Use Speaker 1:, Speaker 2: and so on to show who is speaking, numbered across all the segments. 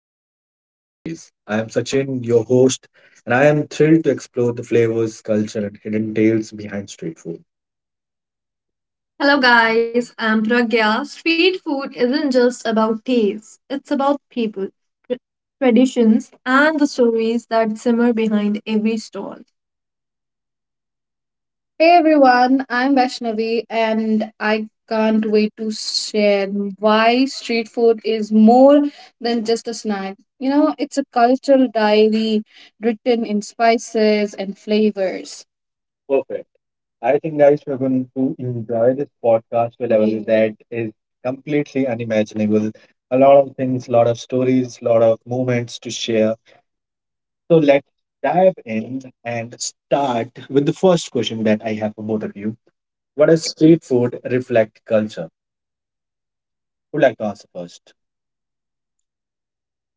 Speaker 1: Food Tells the Best Stories. I am Sachin, your host, and I am thrilled to explore the flavors, culture, and hidden tales behind street food. Hello, guys. I'm Pragya. Street food isn't just about taste, it's about people, tr- traditions, and the stories that simmer behind every stall. Hey everyone, I'm Vaishnavi and I can't wait to share why street food is more than just a snack. It's a cultural diary written in spices and flavors. Perfect. I think, guys, we're going to enjoy this podcast to a level, yeah, that is completely unimaginable. A lot of things, a lot of stories, a lot of moments to share. So let's dive in and start with the first question that I have for both of you. What does street food reflect culture? Who'd like to answer first?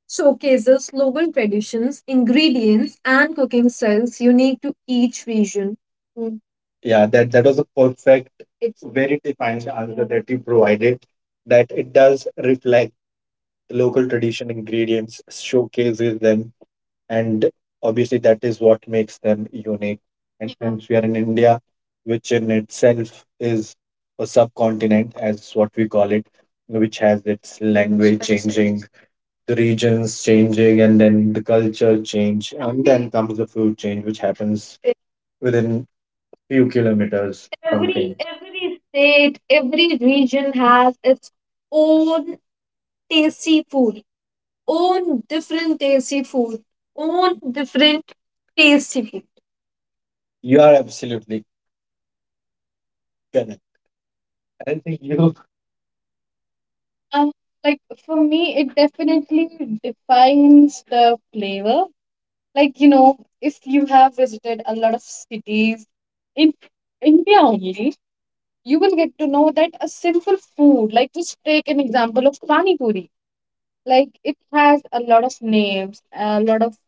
Speaker 1: Showcases local traditions, ingredients, and cooking styles unique to each region. Mm. Yeah, that was a perfect, it's very defined answer that you provided. That it does reflect local tradition ingredients, showcases them, and obviously that is what makes them unique and, yeah, since we are in india which in itself is a subcontinent as what we call it, which has its language changing, the regions changing, and then the culture change and then comes the food change which happens within few kilometers. Every something, every state, every region has its own tasty food, own different tasty food, own different tasty food. You are absolutely correct. I think you Um, like for me, it definitely defines the flavor. Like, you know, if you have visited a lot of cities in India only, you will get to know that a simple food, like just take an example of pani puri. Like it has a lot of names, a lot of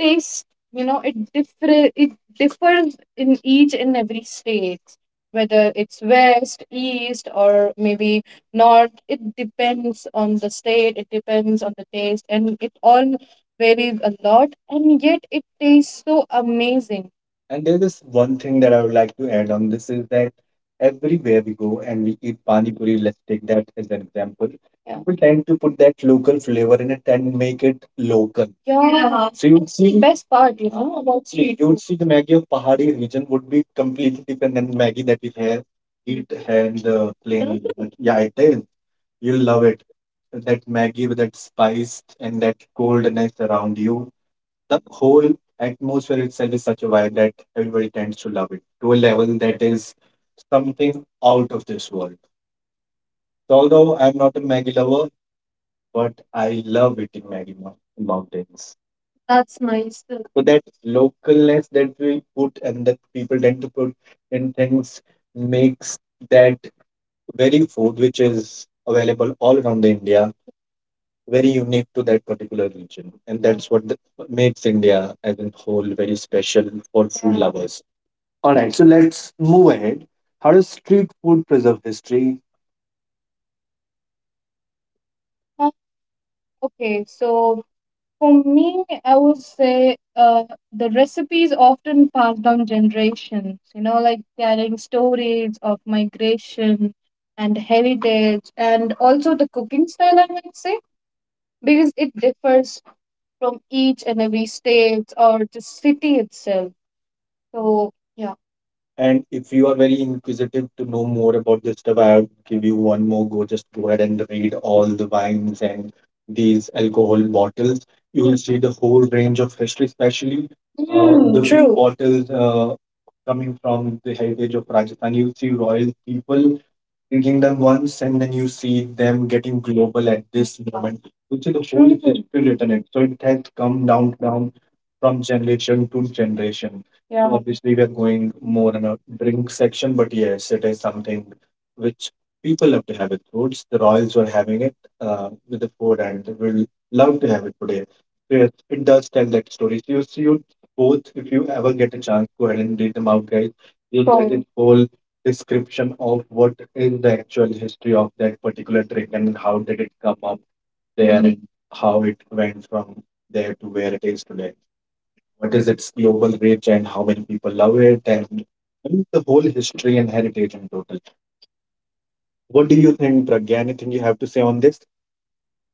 Speaker 1: taste, you know, it differ, it differs in each and every state, whether it's west, east, or maybe north. It depends on the state, it depends on the taste, and it all varies a lot and yet it tastes so amazing. And there's this one thing that I would like to add on this is that everywhere we go and we eat pani puri, let's take that as an example, yeah, people tend to put that local flavor in it and make it local. Yeah. So you'd see best part, you know, about street. You would see the Maggie of Pahari region would be completely different than Maggie that we have eat and plain. Yeah, it is. You'll love it. That Maggie with that spice and that coldness around you. The whole atmosphere itself is such a vibe that everybody tends to love it to a level that is something out of this world. So although I'm not a Maggie lover, but I love eating in mountains. That's nice. So that localness that we put and that people tend to put in things makes that very food which is available all around India very unique to that particular region. And that's what the, makes India as a whole very special for food lovers. All right, so let's move ahead. How does street food preserve history? Uh, Okay, so for me, I would say, the recipes often passed down generations, you know, like carrying stories of migration and heritage, and also the cooking style, I might say, because it differs from each and every state or the city itself. So, yeah. And if you are very inquisitive to know more about this stuff, I'll give you one more go. Just go ahead and read all the wines and these alcohol bottles. You will see the whole range of history, especially the big true. Bottles coming from the heritage of Rajasthan. You'll see royal people reading them once and then you see them getting global at this moment. You see the whole history written it. So it has come down from generation to generation. Yeah. So obviously we are going more in a drink section, but yes, it is something which people love to have it. Roots, the royals were having it with the food and they will love to have it today. So yes, it does tell that story. So you see you both, if you ever get a chance, go ahead and read them out, guys. You'll get, sure, this whole description of what is the actual history of that particular trick and how did it come up there and how it went from there to where it is today. What is its global reach and how many people love it and I mean, the whole history and heritage in total. What do you think, Pragya? Anything you have to say on this?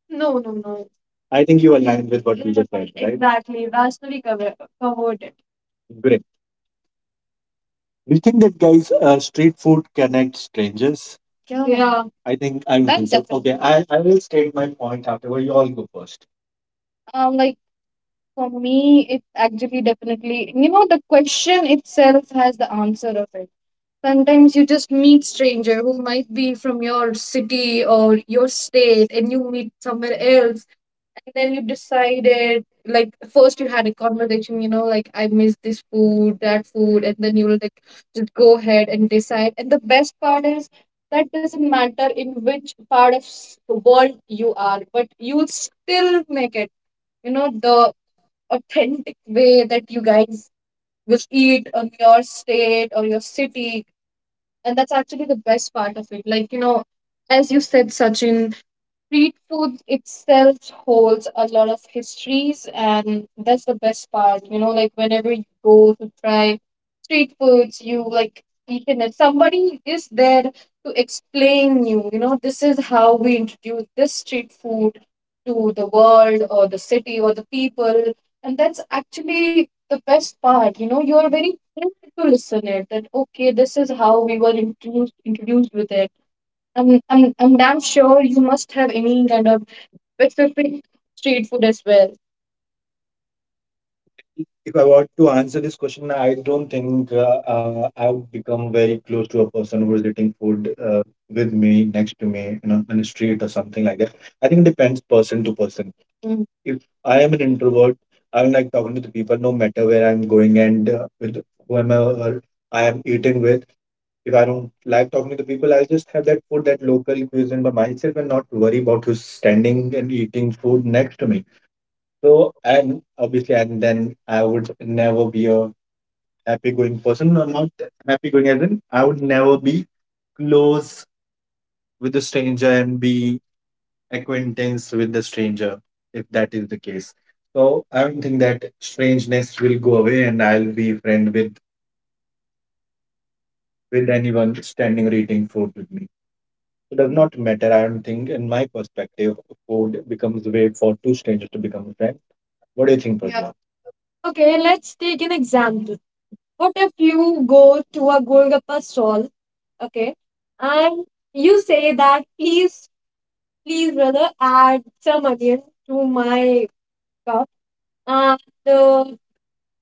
Speaker 1: No, no, no. I think you aligned with what we just said, right? Exactly. Covered it. Great. Do you think that guys street food connects strangers? Yeah. Yeah. I think I will, that's, go first. Okay, I will state my point afterward. You all go first. Like for me, it actually definitely, you know, the question itself has the answer of it. Sometimes you just meet stranger who might be from your city or your state, and you meet somewhere else, and then you decided, like, first you had a conversation, you know, like I miss this food, that food, and then you will like just go ahead and decide. And the best part is that doesn't matter in which part of the world you are, but you'll still make it, you know, the authentic way that you guys will eat on your state or your city. And that's actually the best part of it. Like, you know, as you said, Sachin, street food itself holds a lot of histories, and that's the best part. You know, like whenever you go to try street foods, you like you can, somebody is there to explain you. You know, this is how we introduce this street food to the world or the city or the people, and that's actually the best part. You know, you are very thrilled to listen it. That, okay, this is how we were introduced with it. I'm damn sure you must have any kind of specific street food as well. If I want to answer this question, I don't think, I've become very close to a person who is eating food with me, next to me, you know, on a street or something like that. I think it depends person to person. Mm. If I am an introvert, I don't like talking to the people no matter where I'm going and, with whoever I am eating with. If I don't like talking to people, I just have that food, that local cuisine by myself and not worry about who's standing and eating food next to me. So, and obviously, and then I would never be a happy going person. No, not happy going as in, I would never be close with a stranger and be acquaintance with the stranger if that is the case. So, I don't think that strangeness will go away and I'll be friend with anyone standing or eating food with me. Does not matter. I don't think, in my perspective, food becomes a way for two strangers to become friends. What do you think, yeah. Okay, let's take an example. What if you go to a Golgappa stall, okay, and you say that, please, please, brother, add some onion to my cup, and the,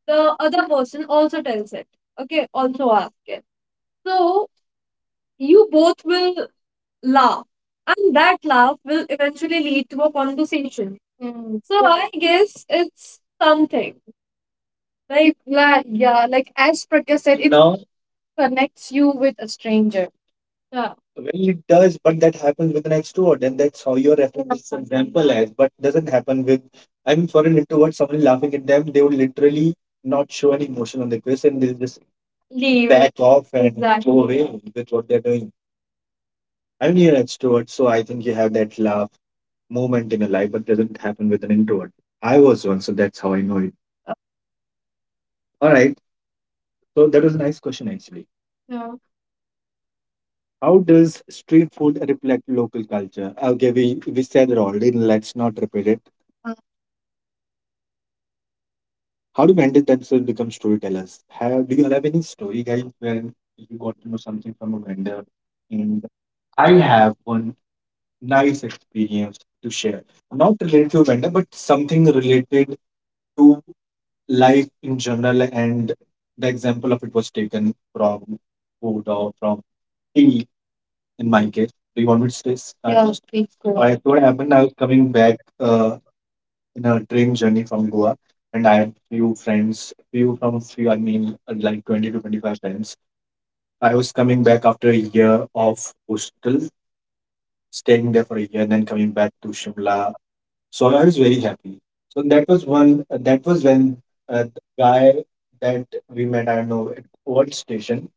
Speaker 1: the other person also tells it, okay, also asks it. So you both will laugh. And that laugh will eventually lead to a conversation. Mm. So yeah. I guess it's something. Like, yeah, like as Prakya said, it, now, connects you with a stranger. Yeah. Well, it does, but that happens with an extrovert, and that's how you're referring this example as. But doesn't happen with, I mean, for an introvert, someone laughing at them, they will literally not show any emotion on their face, and they'll just leave, back off, and exactly, go away with what they're doing. I mean, you're an extrovert, so I think you have that laugh moment in your life, but doesn't happen with an introvert. I was one, so that's how I know it. All right. So that was a nice question, actually. Yeah. How does street food reflect local culture? Okay, we said it already. Let's not repeat it. Uh, How do vendors themselves become storytellers? Have, do you have any story, guys, where you got to know something from a vendor? And I have one nice experience to share. Not related to vendor, but something related to life in general. And the example of it was taken from food or from tea in my case. Do you want me to stay? Start, yeah, first? Please go. I What happened. I was coming back in a train journey from Goa, and I had few friends, few from few. I mean, like 20 to 25 friends. I was coming back after a year of hostel, staying there for a year, and then coming back to Shimla. So I was very happy. So that was one. That was when the guy that we met. I don't know at what station,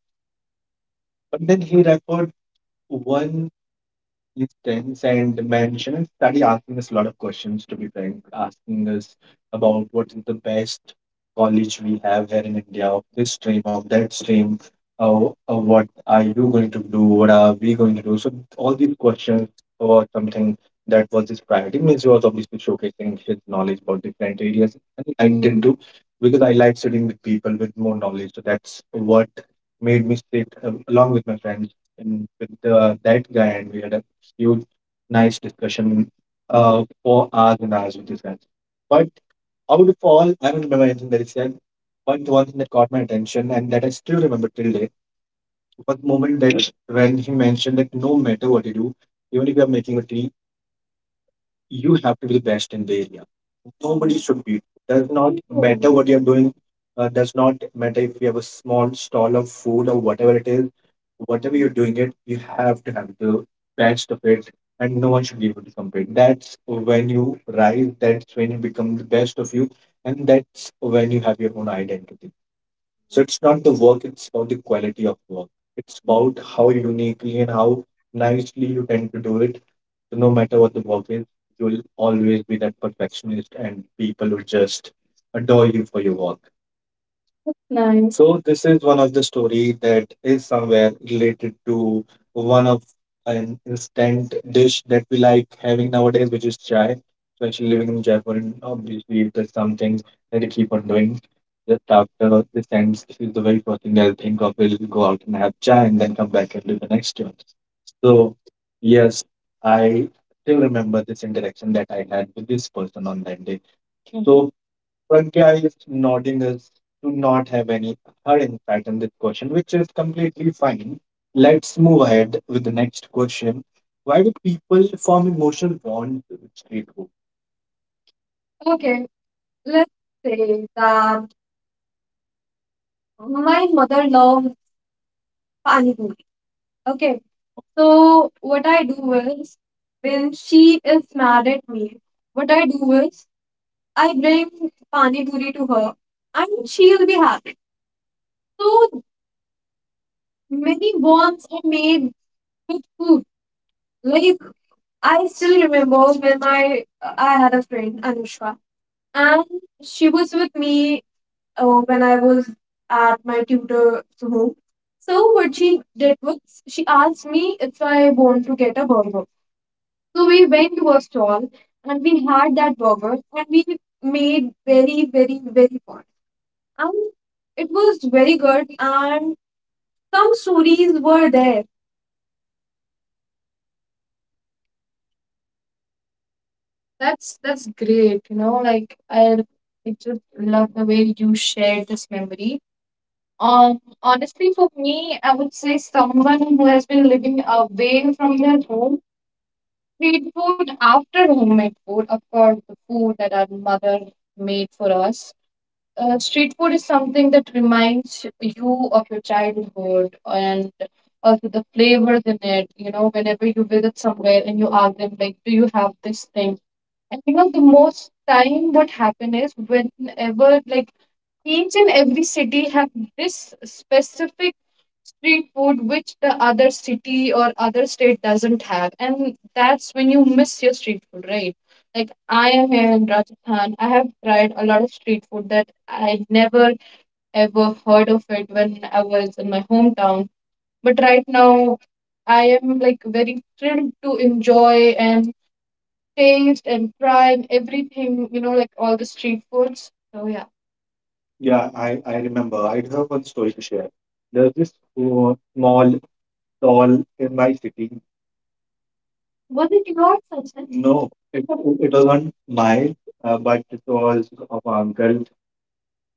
Speaker 1: but then he referred one distance and dimension and study, asking us a lot of questions, to be frank, asking us about what is the best college we have here in India, of this stream, of that stream, uh, what are we going to do. So all these questions were something that was his priority. Means he was obviously showcasing his knowledge about different areas, and I did too, because I like sitting with people with more knowledge. So that's what made me sit along with my friends and with that guy, and we had a huge, nice discussion for hours and hours with this guy. But out of all, I don't remember anything that he said. But one thing that caught my attention, and that I still remember till day, was the moment that when he mentioned that no matter what you do, even if you are making a tea, you have to be the best in the area. Nobody should beat you. Does not matter what you're doing. Does not matter if you have a small stall of food or whatever it is. Whatever you're doing it, you have to have the best of it, and no one should be able to compete. That's when you rise. That's when you become the best of you, and that's when you have your own identity. So it's not the work, it's about the quality of work. It's about how uniquely and how nicely you tend to do it. So no matter what the work is, you'll always be that perfectionist, and people will just adore you for your work. Nice. So this is one of the story that is somewhere related to one of an instant dish that we like having nowadays, which is chai. Especially living in Jaipur, and obviously there's something that you keep on doing. Just after this ends, this is the very first thing that I think of. We'll go out and have chai, and then come back and do the next one. So yes, I still remember this interaction that I had with this person on that day. Okay. So Pragya is nodding us to not have any her insight on this question, which is completely fine. Let's move ahead with the next question. Why do people form emotional bonds with street food? Okay, let's say that my mother loves pani puri. Okay, so what I do is, when she is mad at me, what I do is I bring pani puri to her, and she'll be happy. So many bonds are made. Me too. Like, I still remember when my I had a friend Anushka, and she was with me when I was at my tutor's home. So what she did was, she asked me if I want to get a burger. So we went to a stall and we had that burger, and we made very very very fun, and it was very good, and some stories were there. That's great. You know, like I just love the way you shared this memory. Honestly, for me, I would say someone who has been living away from their home, street food after homemade food, of course, the food that our mother made for us. Street food is something that reminds you of your childhood, and also the flavors in it. You know, whenever you visit somewhere and you ask them, like, do you have this thing? And you know, the most time what happen is, whenever like, each and every city have this specific street food which the other city or other state doesn't have. And that's when you miss your street food, right? Like, I am here in Rajasthan. I have tried a lot of street food that I never ever heard of it when I was in my hometown. But right now I am like very thrilled to enjoy and taste and try and everything, you know, like all the street foods. So yeah. Yeah, I remember. I do have one story to share. There's this small stall in my city. Was it yours, Sachin? No, it wasn't mine, but it was of my uncle.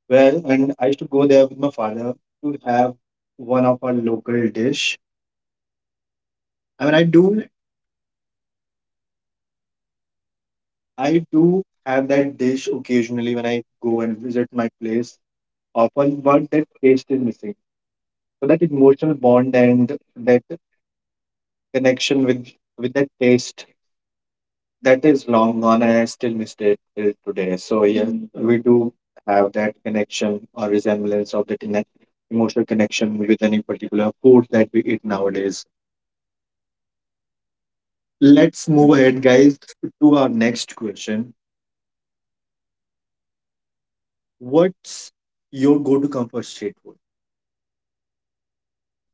Speaker 1: Well, and I used to go there with my father to have one of our local dish. I mean, I do have that dish occasionally when I go and visit my place often, but that taste is missing. So that emotional bond and that connection with that taste, that is long gone, and I still miss it till today. So yeah, Mm, we do have that connection or resemblance of the emotional connection with any particular food that we eat nowadays. Let's move ahead, guys, to our next question. What's your go-to comfort street food?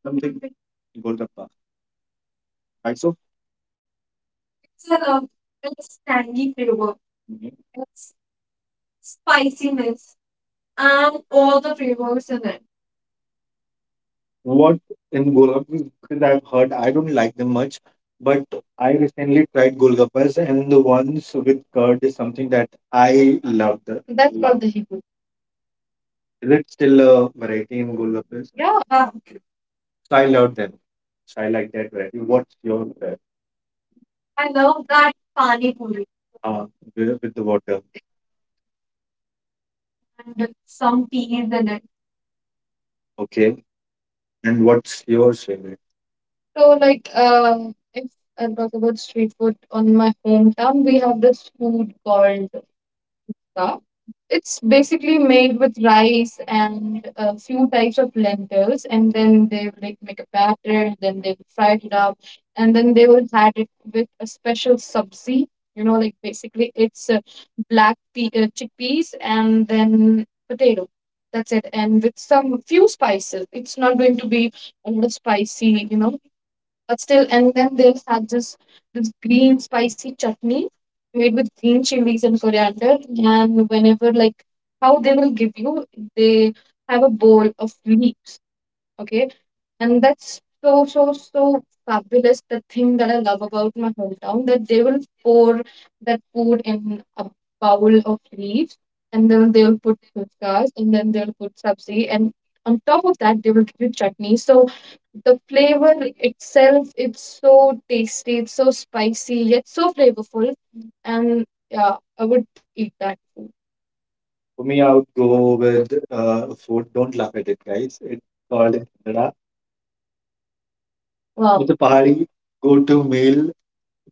Speaker 1: Something. Golgappa. Right, so. It's a it's tangy flavor. Mhm. It's spiciness and all the flavors in it. What in Golgappas, because I've heard I don't like them much, but I recently tried Golgappas, and the ones with curd is something that I love. The. That's called the Hebrew. Is it still a variety in Golgappas? Yeah. Okay. So I love them. So I like that variety. What's your favorite? I love that pani puri. Uh, with the water and some peas in it. Okay. And what's your favorite? So, like, if I talk about street food on my hometown, we have this food called sa. It's basically made with rice and a few types of lentils, and then they will like make a batter, then they will fry it up, and then they will add it with a special sabzi. You know, like, basically it's black pea, chickpeas and then potato. That's it, and with some few spices. It's not going to be a little spicy, you know, but still. And then they'll have this this green spicy chutney made with green chilies and coriander. And whenever like, how they will give you, they have a bowl of leaves, okay, and that's so, so, so fabulous. The thing that I love about my hometown, that they will pour that food in a bowl of leaves, and then they will put fuscas, and then they'll put sabzi, and on top of that they will give you chutney. So the flavor itself, it's so tasty, it's so spicy, yet so flavorful. And yeah, I would eat that food. For me, I would go with food. Don't laugh at it, guys. It's called. Wow. It's a Pahari go-to meal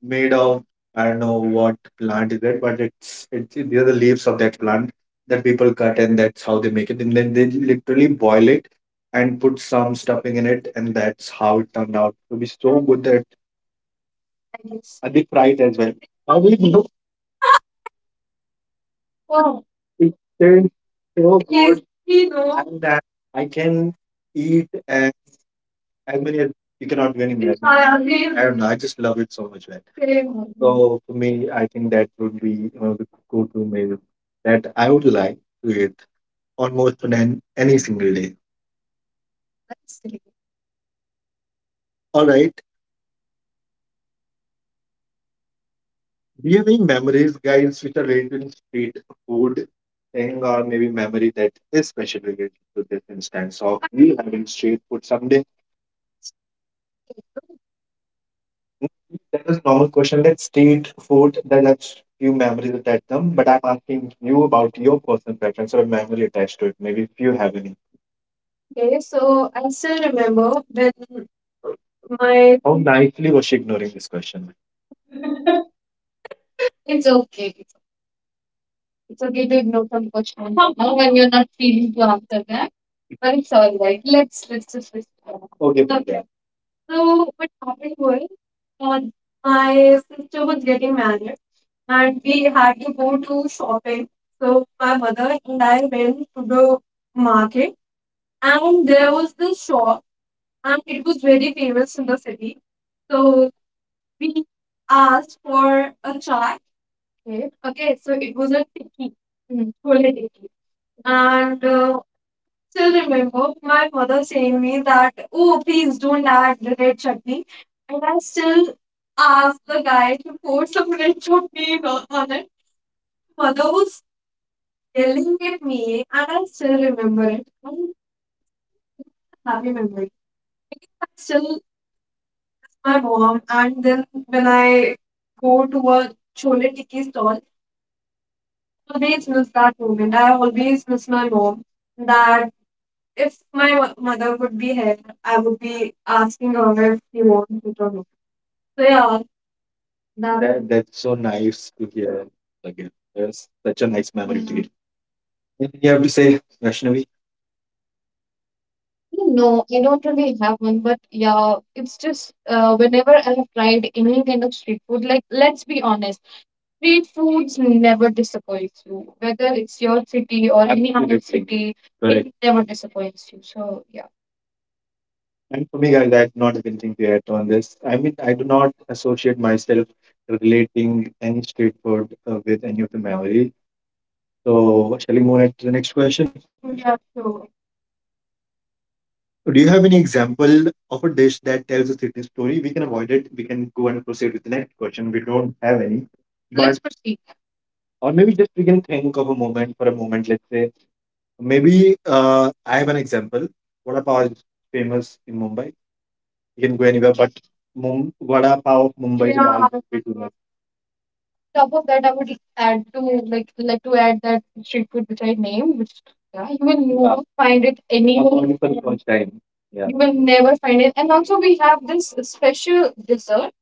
Speaker 1: made of, I don't know what plant is it, but it's these are the leaves of that plant that people cut, and that's how they make it. And then they literally boil it and put some stuffing in it, and that's how it turned out to be so good, that, and they fry it as well. How do you know? Wow. It tastes so, yes, good, we know, and that I can eat and. I mean, you cannot do any magic. I don't know. I just love it so much, man. So for me, I think that would be one of the go-to meal that I would like to eat almost on any single day. All right. Do you have any memories, guys, which are related to street food thing, or maybe memory that is special related to this instance of you having street food someday? That was a normal question. That street food that has few memories attached to them, but I'm asking you about your personal preference or memory attached to it. Maybe if you have any. Okay, so I still remember when my. How nicely was she ignoring this question? It's okay. It's okay to ignore some question when you're not feeling to answer that, but it's all right. Let's just respond. Okay. Okay. Yeah. So what happened was, uh, my sister was getting married, and we had to go to shopping. So my mother and I went to the market, and there was this shop, and it was very famous in the city. So we asked for a chaat. Okay, okay, so it was a tikki, mm, chole tikki. And still remember my mother saying me that, oh, please don't add the red chutney. And I still asked the guy to pour some red chutney on it. Mother was yelling at me, and I like still remember it. And it's a happy memory. Because I still miss my mom, and then when I go to a chole tikki stall, always miss that moment. I always miss my mom. That if mother would be here, I would be asking her if she wants it or not. So yeah, that's so nice to hear. Again. That's such a nice memory to, mhm, get. You have to say, Vaishnavi, no, I don't really have one, but yeah, it's just whenever I have tried any kind of street food, like let's be honest, street foods never disappoints you. Whether it's your city or any other, absolutely, city, correct, it, correct, never disappoints you. So yeah. And for me, guys, I do not have anything to add on this. I mean, I do not associate myself relating any street food with any of the memory. So, shall we move ahead to the next question? Yeah, sure. So, do you have any example of a dish that tells a city story? We can avoid it. We can go and proceed with the next question. We don't have any. Let's But Proceed. Or maybe just we can think of a moment for a moment. Let's say maybe I have an example. Vada pav is famous in Mumbai. You can go anywhere, but vada pav of Mumbai is always top of that, I would add to like to add that street food which I named, which yeah, you will never find it anywhere. Available for the first time. Yeah. You will never find it. And also we have this special dessert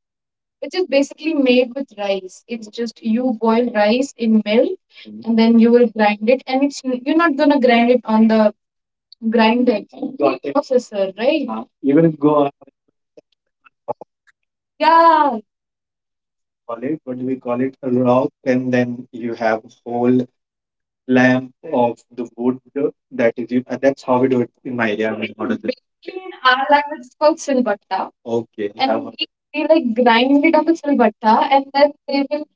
Speaker 1: which is basically made with rice. It's just you boil rice in milk, mhm, and then you will grind it and it's you're not gonna grind it on the grinder, got it, processor, right? You will go on. Yeah. Call it, what do we call it? A rock, and then you have whole lamp of the wood that is used. That's how we do it in my area. In modern day. Basically, in our language, it's called silbatta. Okay. And we like grind it on the silbatta, and then they will.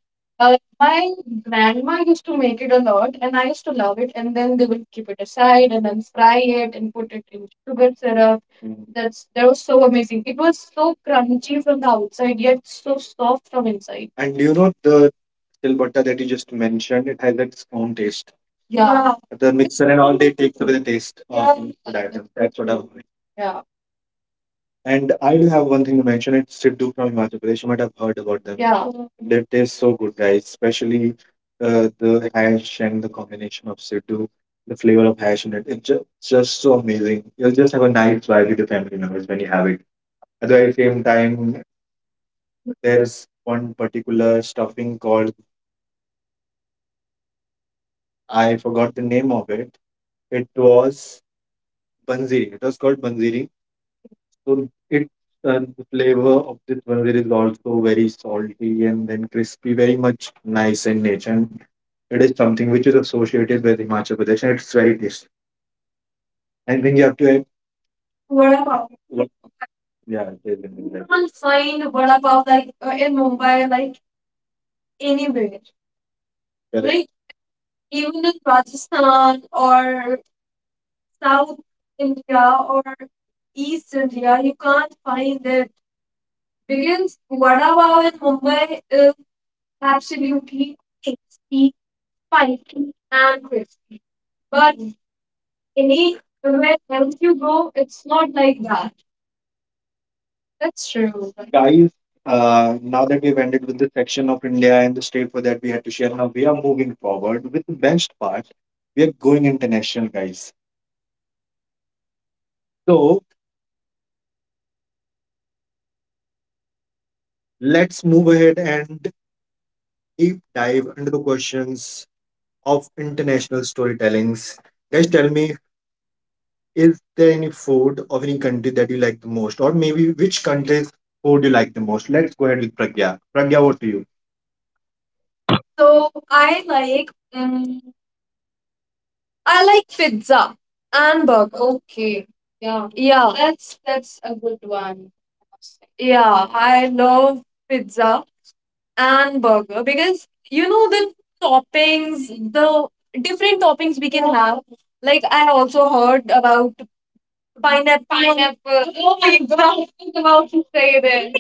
Speaker 1: My grandma used to make it a lot, and I used to love it. And then they will keep it aside, and then fry it, and put it in sugar syrup. Mm. That was so amazing. It was so crunchy from the outside, yet so soft from inside. And you know the silbutta that you just mentioned, it has its own taste. Yeah. The mixer and all, they take away the taste of, yeah, food item. That's what I'm doing. Yeah. And I do have one thing to mention. It's Siddu from Himachal Pradesh. You might have heard about them. Yeah. They taste so good, guys. Especially the hash and the combination of Siddu, the flavor of hash in it. It's just so amazing. You'll just have a nice vibe with your family members when you have it. At the very same time, there's one particular stuffing called, I forgot the name of it. It was Banziri. It was called Banziri. So it, the flavor of this Banziri is also very salty and then crispy, very much nice in nature. And it is something which is associated with Himachal Pradesh and it's very tasty. Anything you have to add? Vada pav. What? Yeah, it is in India. You will find vada pav like in Mumbai, like anywhere. Correct. Like even in Rajasthan or South India or East India, you can't find it because vada pav in Mumbai is absolutely tasty, spicy, and crispy. But anywhere else you go, it's not like that. That's true. Guys, now that we've ended with the section of India and the state for that we had to share, now we are moving forward with the best part. We are going international, guys. So let's move ahead and deep dive into the questions of international storytellings. Guys, tell me, is there any food of any country that you like the most, or maybe which country's food you like the most? Let's go ahead with Pragya. Pragya, what to you? So I like, I like pizza and burger. Okay. Yeah. Yeah. That's a good one. Yeah, I love pizza and burger because you know the toppings, the different toppings we can have. Like I also heard about pineapple. Pineapple. Oh my god, I was about to say this.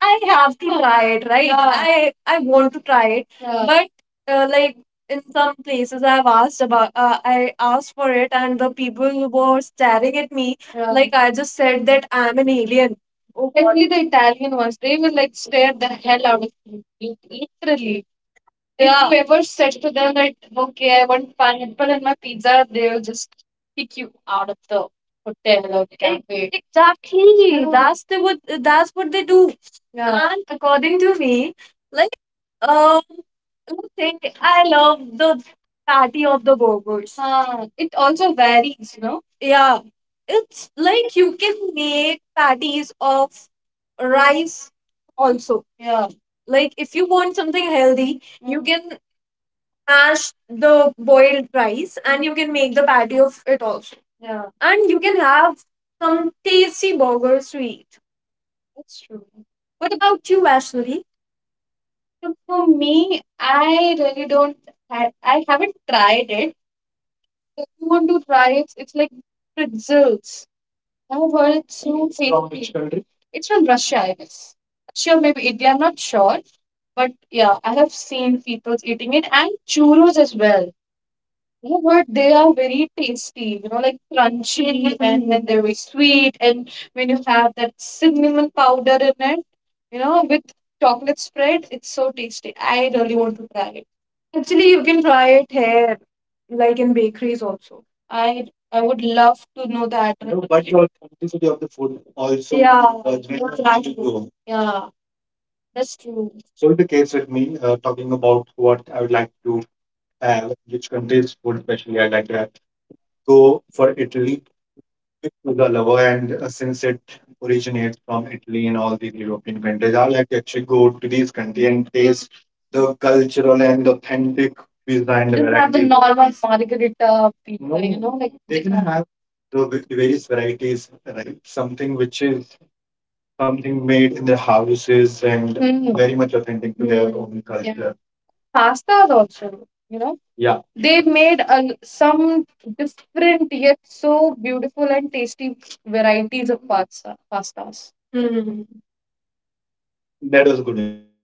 Speaker 1: I have to try it, right? Yeah. I want to try it, yeah, but like in some places I've asked about, I asked for it, and the people were staring at me, yeah, like I just said that I'm an alien. Especially the Italian ones, they will like stare the hell out of you, literally. Yeah. If you ever said to them that, okay, I want pineapple in my pizza, they will just kick you out of the hotel or cafe. Exactly. Yeah. That's what they do. Yeah. And according to me, like um thing I love the patty of the burgers. Huh. It also varies, you know? Yeah. It's like you can make patties of rice also. Yeah. Like if you want something healthy, you, mm, can mash the boiled rice and you can make the patty of it also. Yeah. And you can have some tasty burgers to eat. That's true. What about you, Vaishnavi? So for me, I really don't. I haven't tried it. If you want to try it, it's like pretzels. I've heard it's so tasty. From which tasty country? It's from Russia, I guess. Sure, maybe Italy. I'm not sure, but yeah, I have seen people eating it and churros as well. Oh, but they are very tasty, you know, like crunchy and then they're very sweet. And when you have that cinnamon powder in it, you know, with chocolate spread, it's so tasty. I really want to try it. Actually, you can try it here, like in bakeries also. I would love to know that. No, but your authenticity of the food also. Yeah, does make, that's true, right. Yeah, that's true. So in the case with me, talking about what I would like to have, which country's food especially I like to have, go for Italy to the lover, and since it originates from Italy and all these European countries, I like to actually go to these countries and taste the cultural and authentic pizza and the, just have the varieties, normal margarita pizza, no, you, no, know, like they can have the various varieties, right? Something which is something made in their houses and, hmm, very much authentic to their, hmm, own, yeah, culture, pastas also, you know, yeah, they made a some different yet so beautiful and tasty varieties of pastas. Hmm. That was good insight.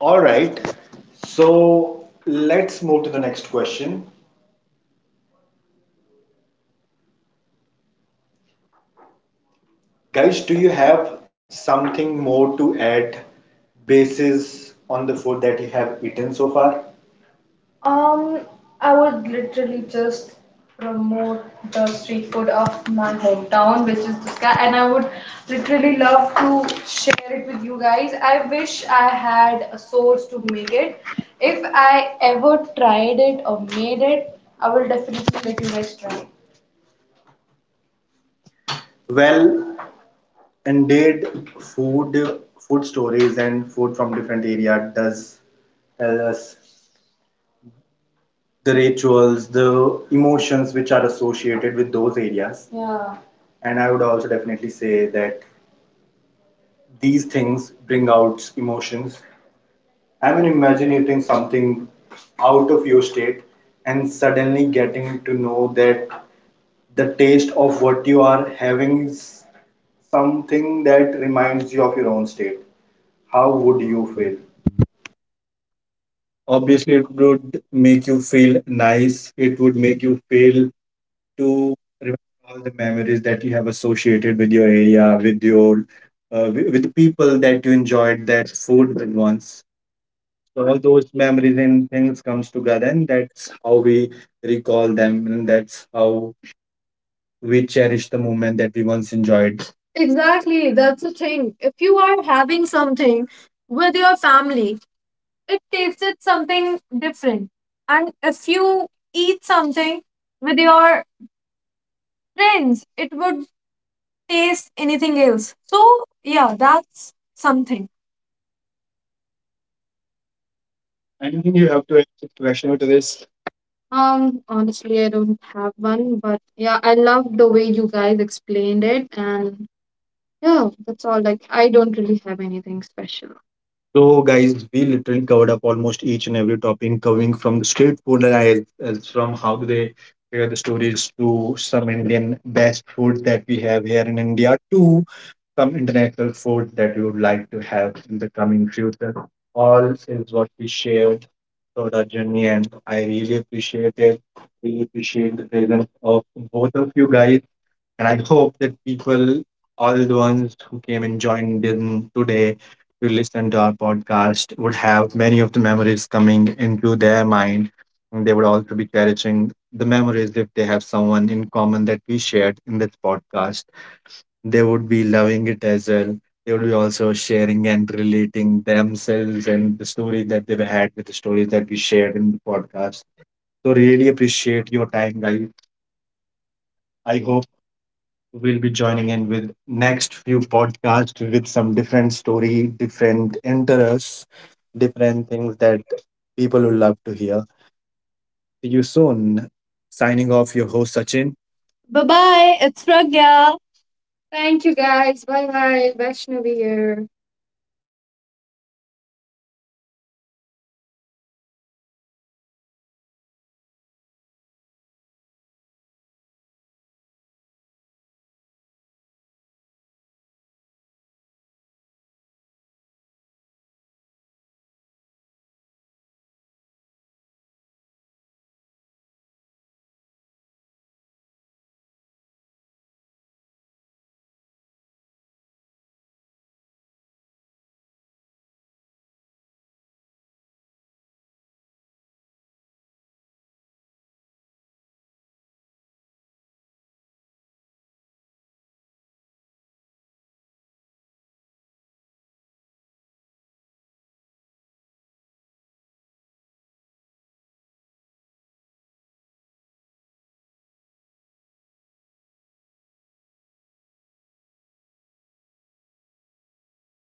Speaker 2: All right. So let's move to the next question. Guys, do you have something more to add basis on the food that you have eaten so far? Um, I would literally just promote the street food of my hometown, which is Duska, and I would literally love to share it with you guys. I wish I had a source to make it. If I ever tried it or made it, I will definitely let you guys try. Well, indeed, food stories and food from different area does tell us the rituals, the emotions which are associated with those areas. Yeah. And I would also definitely say that these things bring out emotions. I mean, imagining something out of your state and suddenly getting to know that the taste of what you are having is something that reminds you of your own state. How would
Speaker 3: You
Speaker 2: you
Speaker 3: feel.
Speaker 2: feel?
Speaker 3: Obviously, it would make you feel nice. It would make you feel to remember all the memories that you have associated with your area, with your, with the people that you enjoyed that food with once. So all those memories and things comes together, and that's how we recall them, and that's how we cherish the moment that we once enjoyed. Exactly, that's the thing. If you are having something with your family, it tasted something different. And if you eat something with your friends, it would taste anything else. So yeah, that's something. Anything you have to add to question to this? Honestly, I don't have one, but yeah, I love the way you guys explained it, and yeah, that's all. Like, I don't really have anything special. So, guys, we literally covered up almost each and every topic, coming from the street food as from how do they share the stories to some Indian best food that we have here in India to some international food that we would like to have in the coming future. All is what we shared throughout our journey, and I really appreciate it. Really appreciate the presence of both of you guys. And I hope that people, all the ones who came and joined in today to listen to our podcast, would have many of the memories coming into their mind. And they would also be cherishing the memories if they have someone in common that we shared in this podcast. They would be loving it as well. They would be also sharing and relating themselves and the story that they've had with the stories that we shared in the podcast. So, really appreciate your time, guys. I hope we'll be joining in with next few podcasts with some different story, different interests, different things that people will love to hear. See you soon. Signing off, your host Sachin. Bye bye. It's Pragya. Thank you guys. Bye bye. Vaishnavi here.